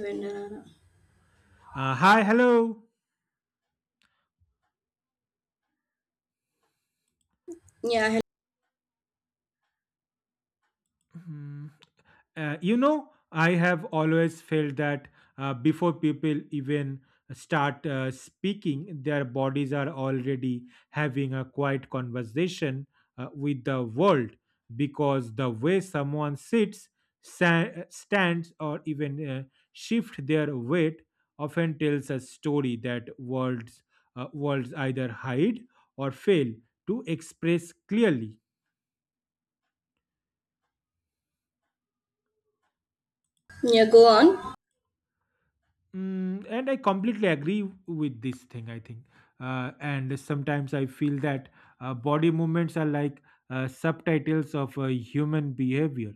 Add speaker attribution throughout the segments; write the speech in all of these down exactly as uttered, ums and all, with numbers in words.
Speaker 1: When, uh,
Speaker 2: Uh, hi, hello.
Speaker 1: yeah, hel-
Speaker 2: Hmm. Uh, you know, I have always felt that uh, before people even start uh, speaking, their bodies are already having a quiet conversation uh, with the world because the way someone sits, sa- stands, or even uh, shift their weight often tells a story that worlds uh, worlds either hide or fail to express clearly.
Speaker 1: yeah, go on.
Speaker 2: Mm, and I completely agree with this thing, I think. Uh, and sometimes I feel that uh, body movements are like uh, subtitles of uh, human behavior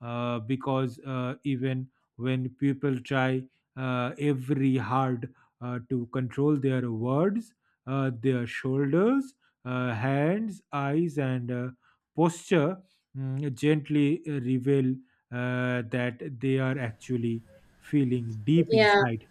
Speaker 2: uh, because uh, even when people try uh, every hard uh, to control their words, uh, their shoulders, uh, hands, eyes, and uh, posture mm, gently uh, reveal uh, that they are actually feeling deep
Speaker 1: Yeah,
Speaker 2: inside.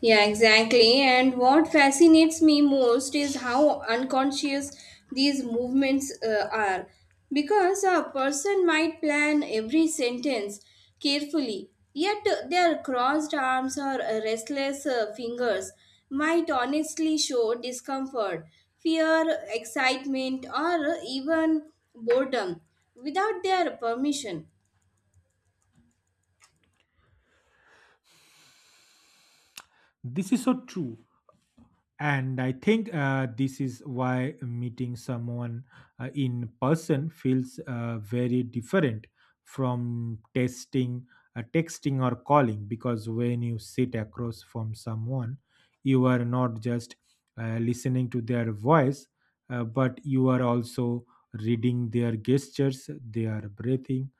Speaker 1: yeah, exactly. And what fascinates me most is how unconscious these movements uh, are. Because a person might plan every sentence carefully, yet uh, their crossed arms or uh, restless uh, fingers might honestly show discomfort, fear, excitement, or even boredom without their permission.
Speaker 2: This is so true. And I think uh, this is why meeting someone uh, in person feels uh, very different from testing, uh, texting, or calling. Because when you sit across from someone, you are not just uh, listening to their voice, uh, but you are also reading their gestures, their breathing,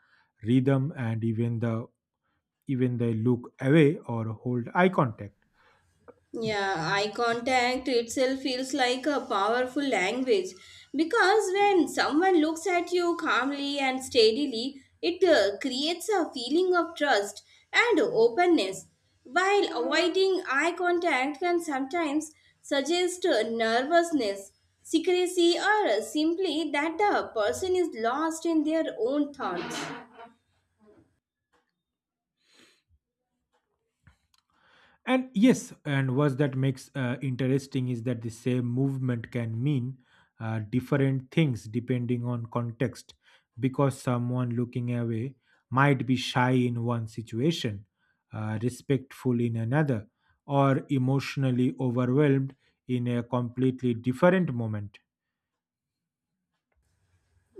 Speaker 2: rhythm, and even the even they look away or hold eye contact.
Speaker 1: Yeah, eye contact itself feels like a powerful language because when someone looks at you calmly and steadily, it uh, creates a feeling of trust and openness. While avoiding eye contact can sometimes suggest uh, nervousness, secrecy, or uh, simply that the person is lost in their own thoughts.
Speaker 2: And yes, and what that makes uh, interesting is that the same movement can mean uh, different things depending on context, because someone looking away might be shy in one situation, uh, respectful in another, or emotionally overwhelmed in a completely different moment.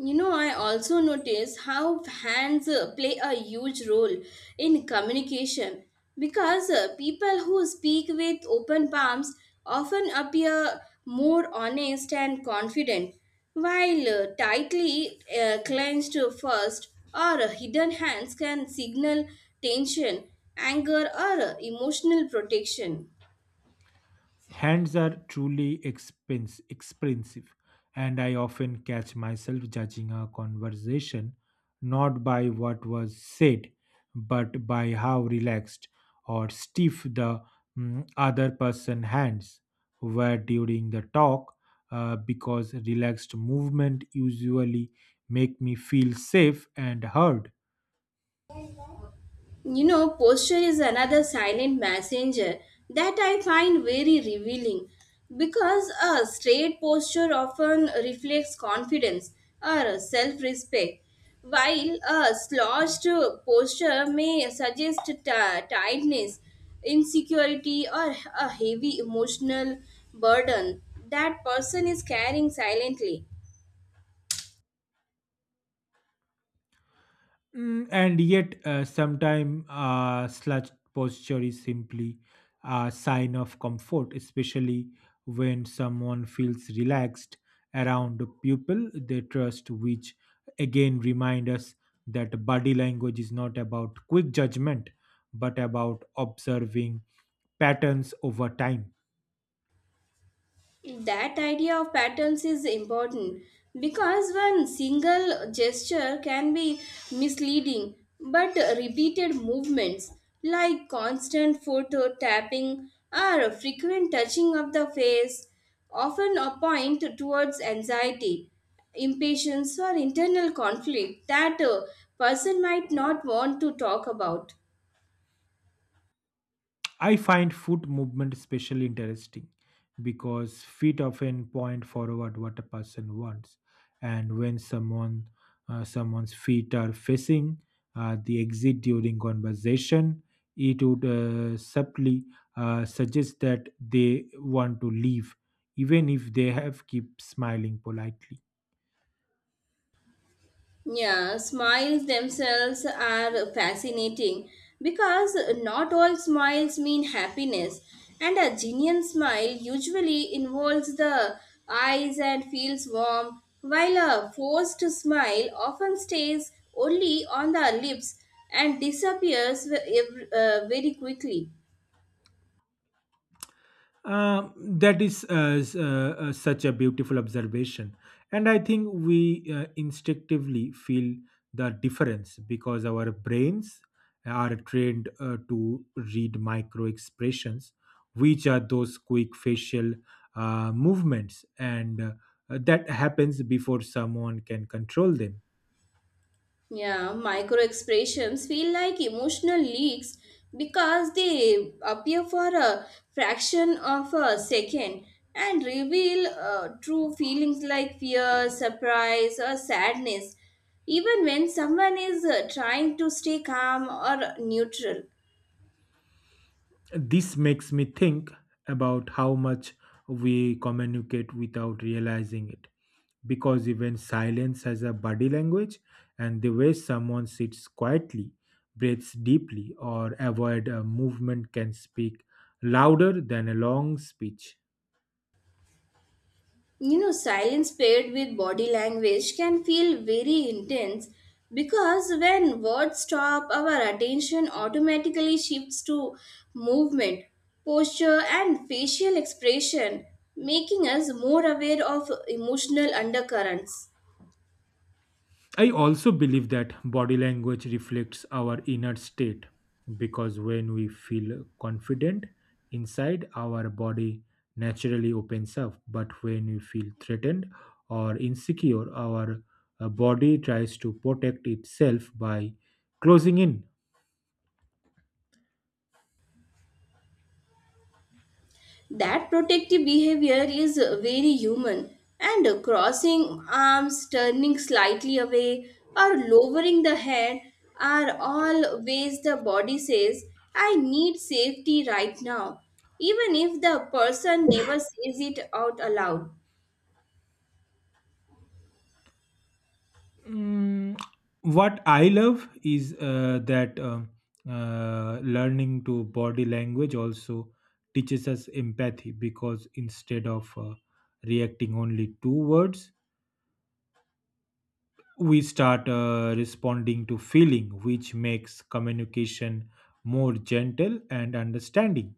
Speaker 1: You know, I also notice how hands uh, play a huge role in communication because uh, people who speak with open palms often appear more honest and confident, while uh, tightly uh, clenched first or hidden hands can signal tension, anger, or uh, emotional protection.
Speaker 2: Hands are truly expense, expensive, and I often catch myself judging a conversation not by what was said, but by how relaxed or stiff the mm, other person's hands were during the talk, uh, because relaxed movement usually make me feel safe and heard.
Speaker 1: You know, posture is another silent messenger that I find very revealing because a straight posture often reflects confidence or self respect, while a slouched posture may suggest t- tightness, insecurity, or a heavy emotional burden that person is carrying silently.
Speaker 2: Mm, and yet, uh, sometimes uh, slouched posture is simply a sign of comfort, especially when someone feels relaxed around the people they trust, which again remind us that body language is not about quick judgment, but about observing patterns over time.
Speaker 1: That idea of patterns is important because one single gesture can be misleading, but repeated movements like constant foot or tapping or frequent touching of the face often point towards anxiety, impatience, or internal conflict that a person might not want to talk about.
Speaker 2: I find foot movement especially interesting because feet often point forward what a person wants, and when someone uh, someone's feet are facing uh, the exit during conversation, it would uh, subtly uh, suggest that they want to leave, even if they have keep smiling politely.
Speaker 1: Yeah, smiles themselves are fascinating because not all smiles mean happiness, and a genuine smile usually involves the eyes and feels warm, while a forced smile often stays only on the lips and disappears ve- ev- uh, very quickly.
Speaker 2: Um, that is uh, s- uh, uh, such a beautiful observation. And I think we uh, instinctively feel the difference because our brains are trained uh, to read micro expressions, which are those quick facial uh, movements, and uh, that happens before someone can control them.
Speaker 1: Yeah, micro expressions feel like emotional leaks because they appear for a fraction of a second and reveal uh, true feelings like fear, surprise, or sadness, even when someone is uh, trying to stay calm or neutral.
Speaker 2: This makes me think about how much we communicate without realizing it. Because even silence has a body language, and the way someone sits quietly, breathes deeply, or avoid a movement can speak louder than a long speech.
Speaker 1: You know, silence paired with body language can feel very intense because when words stop, our attention automatically shifts to movement, posture, and facial expression, making us more aware of emotional undercurrents.
Speaker 2: I also believe that body language reflects our inner state because when we feel confident inside, our body naturally opens up. But when we feel threatened or insecure, our uh, body tries to protect itself by closing in.
Speaker 1: That protective behavior is very human, and crossing arms, turning slightly away, or lowering the head are all ways the body says, I need safety right now, even if the person never says it out aloud.
Speaker 2: Mm, what I love is uh, that um uh, learning to body language also teaches us empathy because instead of uh, reacting only to words, we start uh, responding to feeling, which makes communication more gentle and understanding.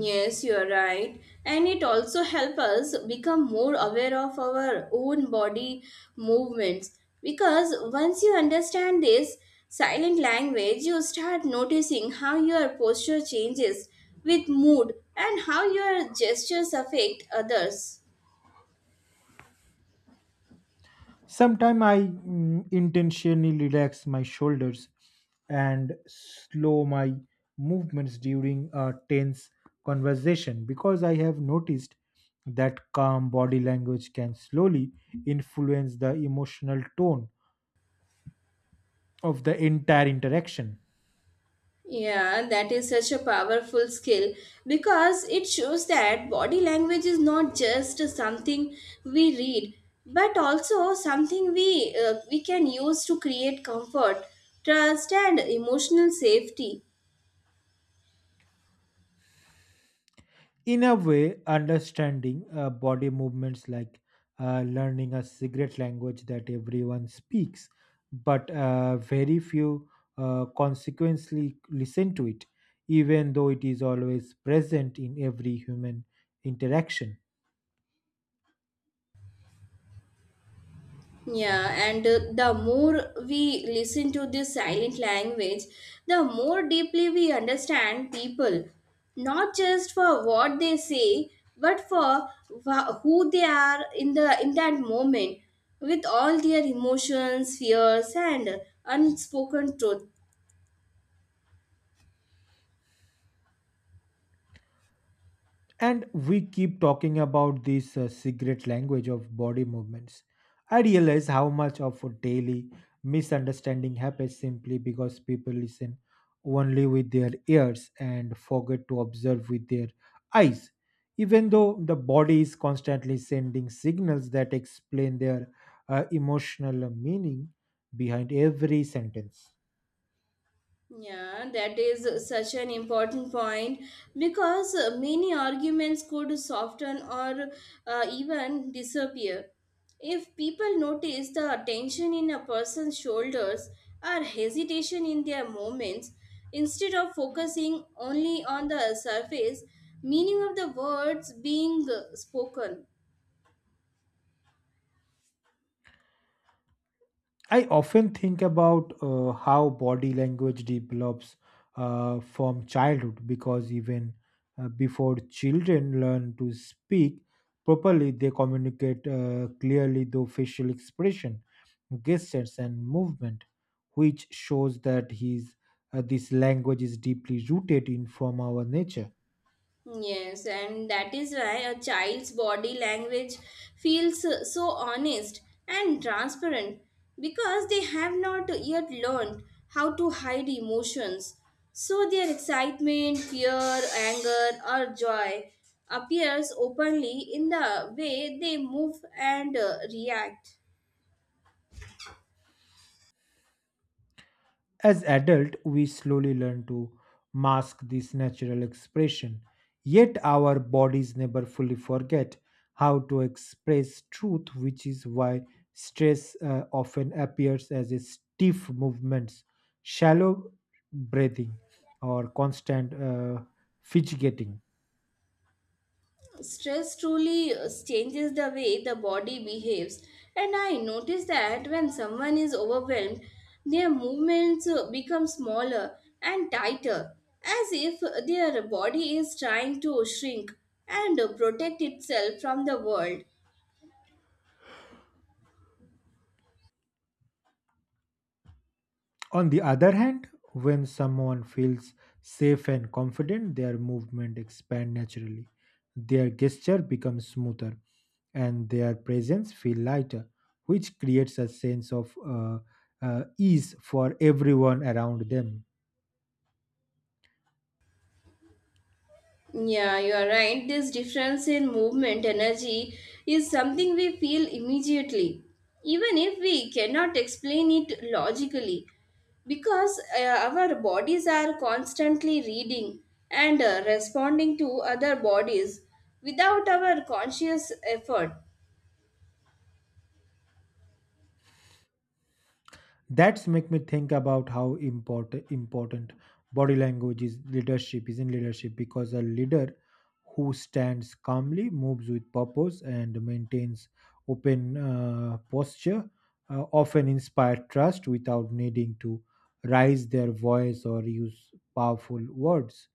Speaker 1: Yes, you are right. And it also helps us become more aware of our own body movements. Because once you understand this silent language, you start noticing how your posture changes with mood and how your gestures affect others.
Speaker 2: Sometimes I mm, intentionally relax my shoulders and slow my movements during a tense conversation because I have noticed that calm body language can slowly influence the emotional tone of the entire interaction.
Speaker 1: Yeah, that is such a powerful skill because it shows that body language is not just something we read, but also something we uh, we can use to create comfort, trust, and emotional safety.
Speaker 2: In a way understanding uh, body movements like uh, learning a secret language that everyone speaks but uh, very few uh, consequently listen to it even though it is always present in every human interaction.
Speaker 1: Yeah, and uh, the more we listen to this silent language, the more deeply we understand people, not just for what they say, but for wha- who they are in the in that moment, with all their emotions, fears, and unspoken truth.
Speaker 2: And we keep talking about this uh, secret language of body movements. I realize how much of a daily misunderstanding happens simply because people listen only with their ears and forget to observe with their eyes. Even though the body is constantly sending signals that explain their uh, emotional meaning behind every sentence.
Speaker 1: Yeah, that is such an important point because uh, many arguments could soften or uh, even disappear. If people notice the tension in a person's shoulders or hesitation in their movements, instead of focusing only on the surface meaning of the words being uh, spoken.
Speaker 2: I often think about uh, how body language develops uh, from childhood because even uh, before children learn to speak properly, they communicate uh, clearly through facial expression, gestures, and movement, which shows that his, uh, this language is deeply rooted in from our nature.
Speaker 1: Yes, and that is why a child's body language feels uh, so honest and transparent because they have not yet learned how to hide emotions. So their excitement, fear, anger, or joy appears openly in the way they move and uh, react.
Speaker 2: As adult, we slowly learn to mask this natural expression, yet our bodies never fully forget how to express truth, which is why stress uh, often appears as a stiff movements, shallow breathing, or constant uh, fidgeting.
Speaker 1: Stress truly uh, changes the way the body behaves, and I notice that when someone is overwhelmed, their movements uh, become smaller and tighter, as if their body is trying to shrink and uh, protect itself from the world.
Speaker 2: On the other hand, when someone feels safe and confident, their movement expand naturally. Their gesture becomes smoother and their presence feel lighter, which creates a sense of uh, uh, ease for everyone around them.
Speaker 1: Yeah, you are right. This difference in movement energy is something we feel immediately, even if we cannot explain it logically, because uh, our bodies are constantly reading and uh, responding to other bodies without our conscious effort.
Speaker 2: That's make me think about how important important body language is leadership is in leadership because a leader who stands calmly moves with purpose and maintains open uh, posture uh, often inspire trust without needing to raise their voice or use powerful words.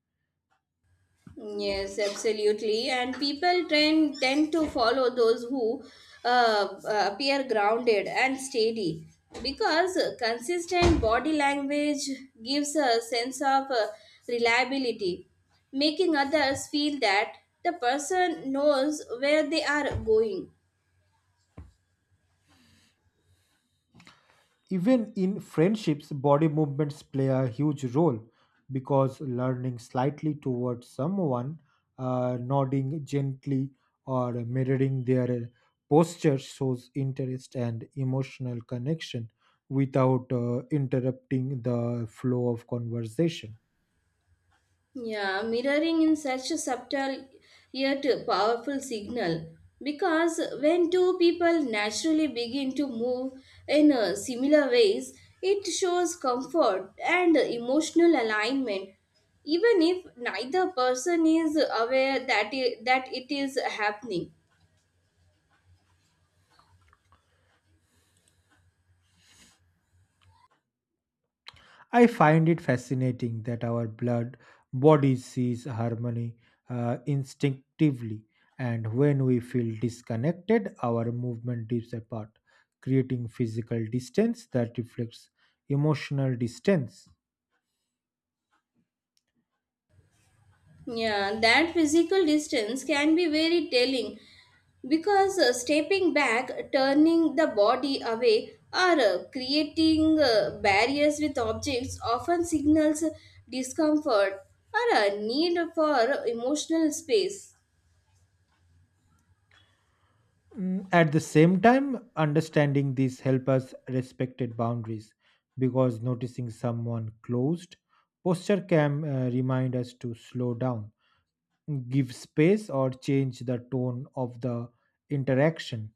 Speaker 1: Yes, absolutely. And people tend, tend to follow those who uh, uh, appear grounded and steady because consistent body language gives a sense of uh, reliability, making others feel that the person knows where they are going.
Speaker 2: Even in friendships, body movements play a huge role because learning slightly towards someone, uh, nodding gently, or mirroring their posture shows interest and emotional connection without uh, interrupting the flow of conversation.
Speaker 1: Yeah, mirroring in such a subtle yet powerful signal because when two people naturally begin to move in uh, similar ways, it shows comfort and emotional alignment, even if neither person is aware that it, that it is happening.
Speaker 2: I find it fascinating that our blood body sees harmony uh, instinctively, and when we feel disconnected, our movement dips apart, creating physical distance that reflects emotional distance.
Speaker 1: Yeah, that physical distance can be very telling because uh, stepping back, turning the body away, or uh, creating uh, barriers with objects often signals discomfort or a need for emotional space.
Speaker 2: Mm, At the same time, understanding these help us respected boundaries because noticing someone closed posture can uh, remind us to slow down, give space or change the tone of the interaction.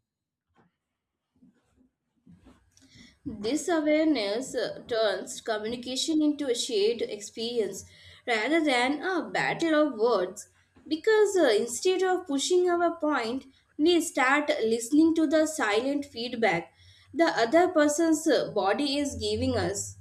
Speaker 1: This awareness uh, turns communication into a shared experience rather than a battle of words because uh, instead of pushing our point, we start listening to the silent feedback the other person's uh, body is giving us.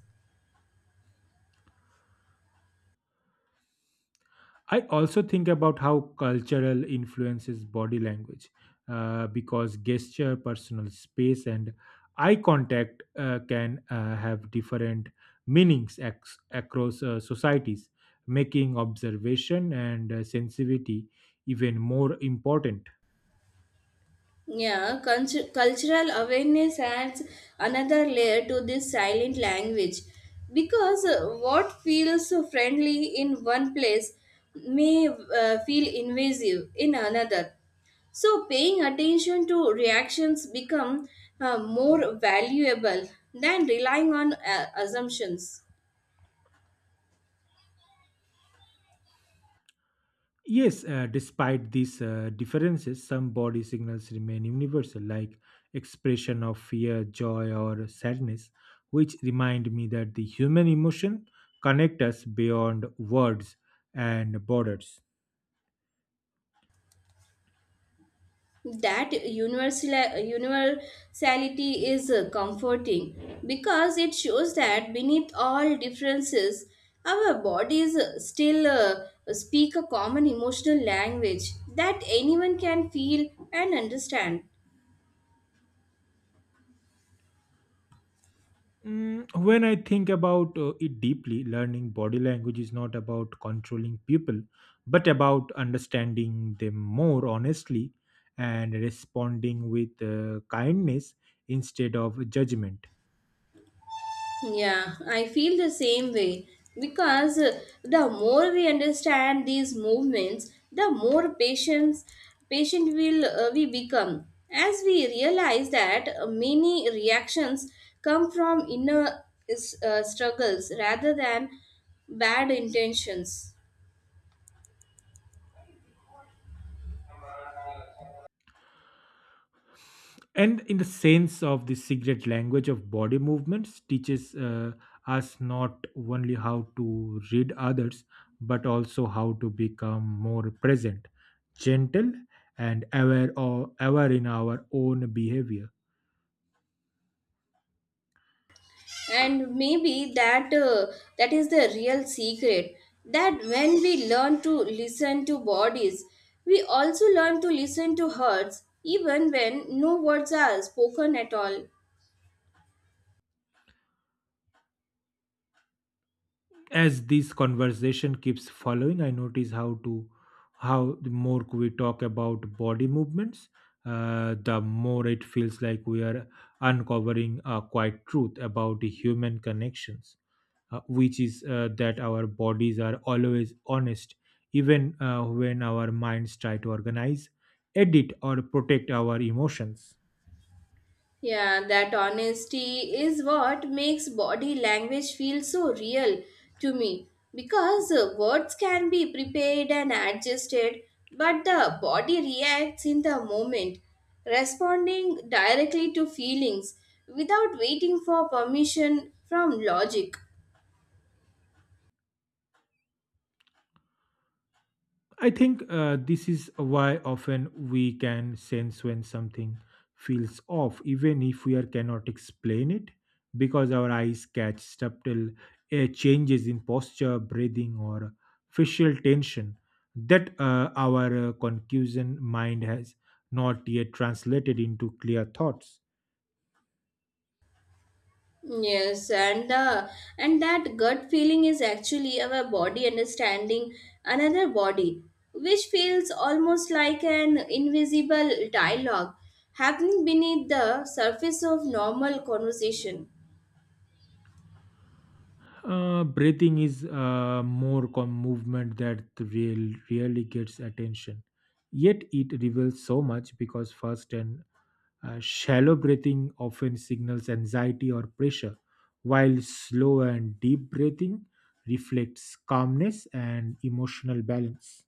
Speaker 2: I also think about how cultural influences body language uh, because gesture, personal space, and eye contact uh, can uh, have different meanings ac- across uh, societies, making observation and uh, sensitivity even more important.
Speaker 1: Yeah, cultu- cultural awareness adds another layer to this silent language because uh, what feels so friendly in one place may uh, feel invasive in another. So paying attention to reactions become uh, more valuable than relying on uh, assumptions.
Speaker 2: Yes, uh, despite these uh, differences, some body signals remain universal, like expression of fear, joy, or sadness, which remind me that the human emotion connect us beyond words and borders.
Speaker 1: that universal universality is uh, comforting because it shows that beneath all differences our bodies uh, still uh, speak a common emotional language that anyone can feel and understand.
Speaker 2: Mm, when I think about uh, it deeply, learning body language is not about controlling people, but about understanding them more honestly and responding with uh, kindness instead of judgment.
Speaker 1: Yeah, I feel the same way because uh, the more we understand these movements, the more patience patient will uh, we become as we realize that uh, many reactions come from inner uh, struggles rather than bad intentions.
Speaker 2: And in the sense of the secret language of body movements teaches uh, us not only how to read others but also how to become more present, gentle and aware or aware in our own behavior.
Speaker 1: And maybe that uh, that is the real secret, that when we learn to listen to bodies we also learn to listen to hearts even when no words are spoken at all.
Speaker 2: As this conversation keeps following I notice how to how the more we talk about body movements uh, the more it feels like we are uncovering a quiet truth about the human connections uh, which is uh, that our bodies are always honest, even uh, when our minds try to organize, edit, or protect our emotions.
Speaker 1: Yeah, that honesty is what makes body language feel so real to me because uh, words can be prepared and adjusted, but the body reacts in the moment, responding directly to feelings without waiting for permission from logic.
Speaker 2: I think uh, this is why often we can sense when something feels off, even if we are cannot explain it, because our eyes catch subtle uh, changes in posture, breathing, or facial tension that uh, our uh, conclusion mind has not yet translated into clear thoughts.
Speaker 1: Yes, and the and that gut feeling is actually our body understanding another body, which feels almost like an invisible dialogue happening beneath the surface of normal conversation.
Speaker 2: Uh, breathing is uh, more com- movement that real really gets attention. Yet it reveals so much because first and uh, shallow breathing often signals anxiety or pressure, while slow and deep breathing reflects calmness and emotional balance.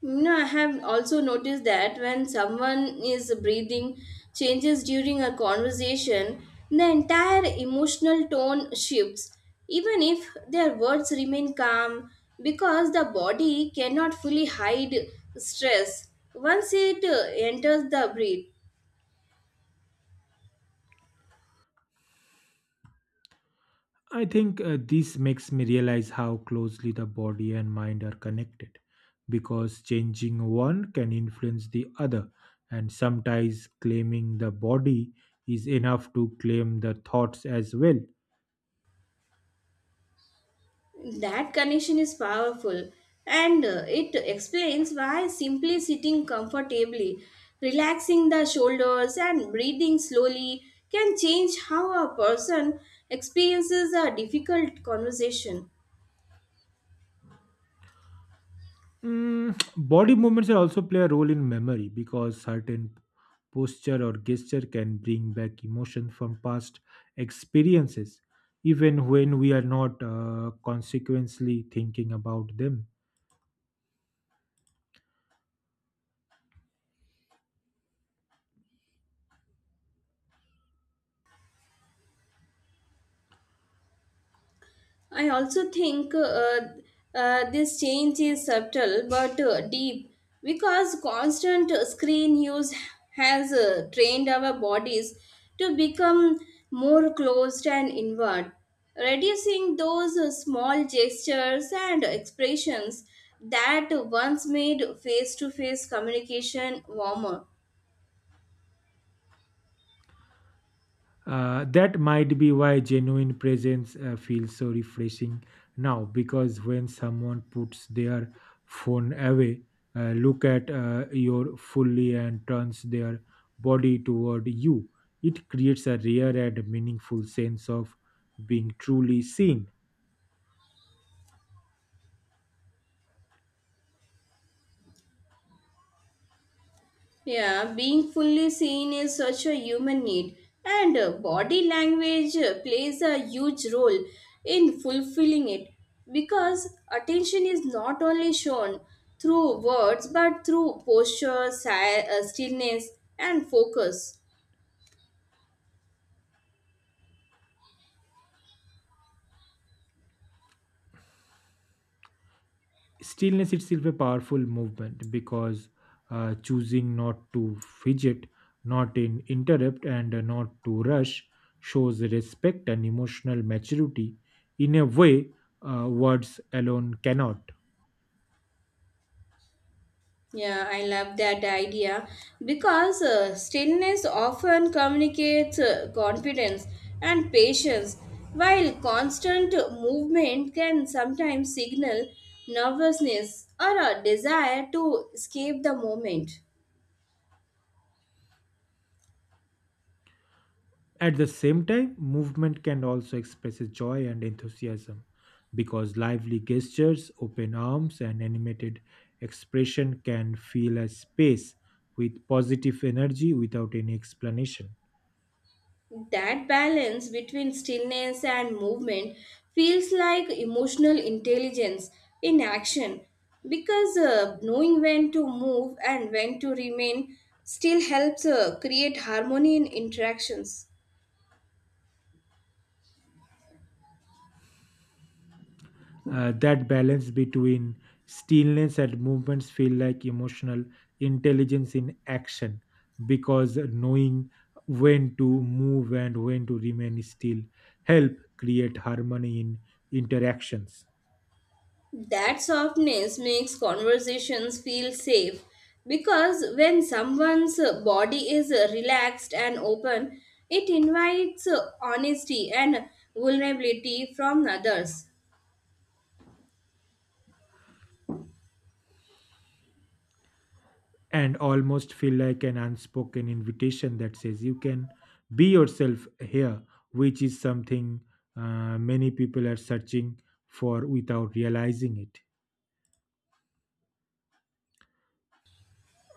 Speaker 1: You know, I have also noticed that when someone is breathing changes during a conversation, the entire emotional tone shifts, even if their words remain calm, because the body cannot fully hide stress once it uh, enters the breath.
Speaker 2: I think uh, this makes me realize how closely the body and mind are connected because changing one can influence the other, and sometimes claiming the body is enough to claim the thoughts as well.
Speaker 1: That connection is powerful and uh, it explains why simply sitting comfortably, relaxing the shoulders, and breathing slowly can change how a person experiences a difficult conversation.
Speaker 2: Mm, body movements are also play a role in memory because certain posture or gesture can bring back emotion from past experiences, even when we are not uh, consequently thinking about them.
Speaker 1: I also think uh, uh, this change is subtle but uh, deep because constant screen use has uh, trained our bodies to become more closed and inward, reducing those uh, small gestures and expressions that once made face to face communication warmer.
Speaker 2: Uh, that might be why genuine presence uh, feels so refreshing now because when someone puts their phone away, uh, look at uh, your fully and turns their body toward you, it creates a rare and meaningful sense of being truly seen.
Speaker 1: Yeah, being fully seen is such a human need, and uh, body language uh, plays a huge role in fulfilling it because attention is not only shown through words but through posture, si- uh, stillness, and focus.
Speaker 2: Stillness itself a powerful movement because uh, choosing not to fidget not in interrupt and uh, not to rush shows respect and emotional maturity in a way uh, words alone cannot
Speaker 1: Yeah, I love that idea because uh, stillness often communicates uh, confidence and patience, while constant movement can sometimes signal nervousness or a desire to escape the moment.
Speaker 2: at the same time movement can also express joy and enthusiasm because lively gestures open arms and animated expression can fill a space with positive energy without any explanation
Speaker 1: That balance between stillness and movement feels like emotional intelligence in action because uh, knowing when to move and when to remain still helps uh, create harmony in interactions.
Speaker 2: Uh, that balance between stillness and movements feel like emotional intelligence in action because knowing when to move and when to remain still help create harmony in interactions
Speaker 1: That softness makes conversations feel safe because when someone's uh, body is uh, relaxed and open, it invites uh, honesty and vulnerability from others.
Speaker 2: and almost feel like an unspoken invitation that says you can be yourself here which is something uh, many people are searching for without realizing it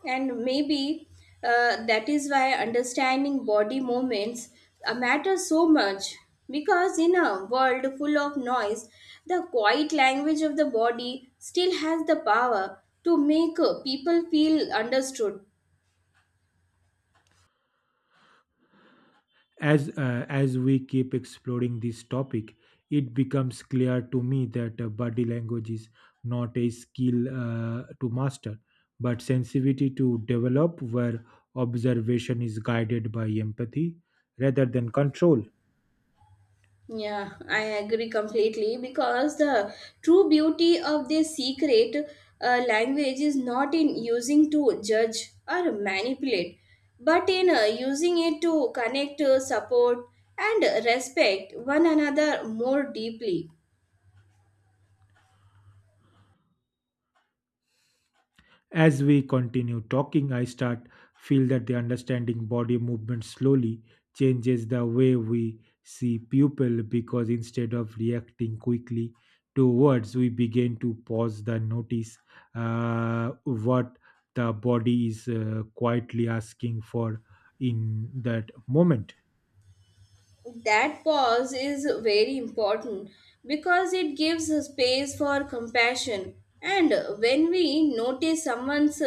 Speaker 1: And maybe uh, that is why understanding body movements uh, matters so much. Because in a world full of noise, the quiet language of the body still has the power to make uh, people feel understood.
Speaker 2: As uh, as we keep exploring this topic, it becomes clear to me that uh, body language is not a skill uh, to master, but sensitivity to develop, where observation is guided by empathy rather than control.
Speaker 1: Yeah, I agree completely because the true beauty of this secret uh, language is not in using to judge or manipulate, but in uh, using it to connect, uh, support, and respect one another more deeply.
Speaker 2: As we continue talking, I start feel that the understanding body movement slowly changes the way we see people because instead of reacting quickly to words, we begin to pause the notice uh, what the body is uh, quietly asking for in that moment.
Speaker 1: That pause is very important because it gives a space for compassion, and when we notice someone's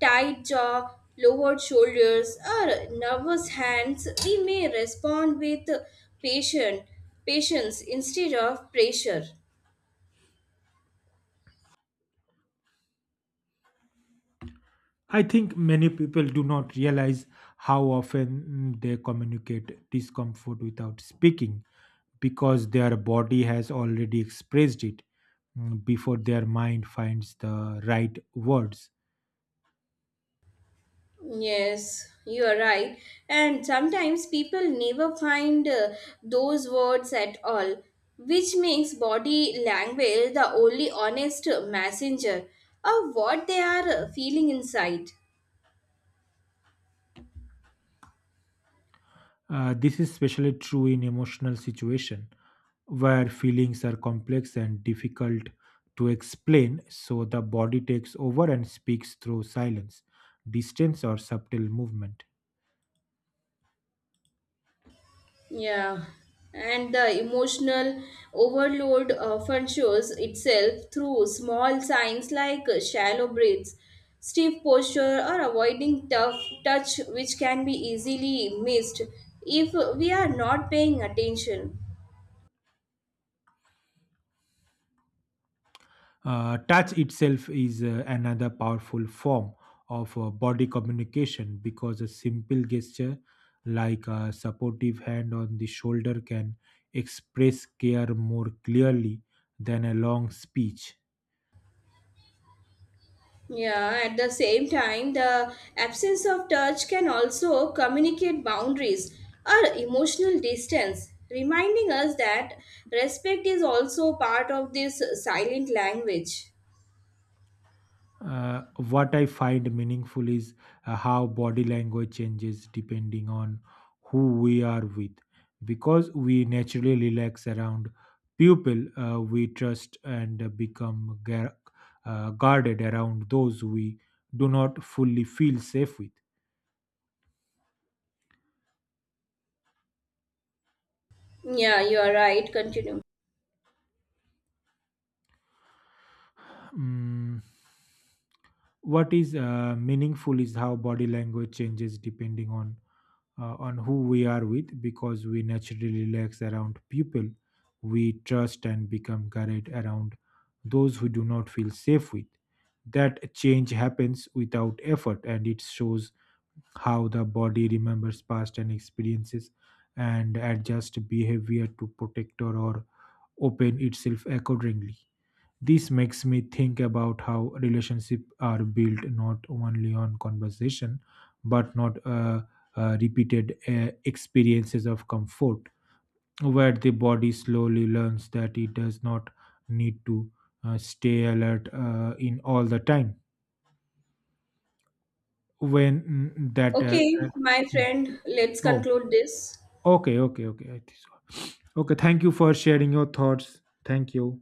Speaker 1: tight jaw, lowered shoulders, or nervous hands, we may respond with patient patience instead of pressure.
Speaker 2: I think many people do not realize how often mm, they communicate discomfort without speaking because their body has already expressed it mm, before their mind finds the right words.
Speaker 1: Yes, you are right. And sometimes people never find uh, those words at all, which makes body language the only honest messenger of what they are uh, feeling inside.
Speaker 2: Uh, this is especially true in emotional situation where feelings are complex and difficult to explain, so the body takes over and speaks through silence, distance, or subtle movement.
Speaker 1: Yeah, and the emotional overload often shows itself through small signs like shallow breaths, stiff posture, or avoiding tough touch, which can be easily missed if we are not paying attention.
Speaker 2: Uh, touch itself is uh, another powerful form of uh, body communication because a simple gesture like a supportive hand on the shoulder can express care more clearly than a long speech.
Speaker 1: Yeah, at the same time, the absence of touch can also communicate boundaries or emotional distance, reminding us that respect is also part of this silent language.
Speaker 2: Uh, what I find meaningful is uh, how body language changes depending on who we are with. Because we naturally relax around people uh, we trust and uh, become gar- uh, guarded around those we do not fully feel safe with.
Speaker 1: Yeah, you are right. Continue.
Speaker 2: Mm, what is uh, meaningful is how body language changes depending on uh, on who we are with because we naturally relax around people we trust and become guarded around those who do not feel safe with. That change happens without effort and it shows how the body remembers past and experiences and adjusts behavior to protect or or open itself accordingly. This makes me think about how relationships are built not only on conversation, but not uh, uh, repeated uh, experiences of comfort, where the body slowly learns that it does not need to uh, stay alert uh, in all the time. When mm, that uh,
Speaker 1: Okay, my
Speaker 2: uh,
Speaker 1: friend, let's
Speaker 2: oh,
Speaker 1: conclude this.
Speaker 2: okay, okay okay I think so. Okay. Thank you for sharing your thoughts. Thank you.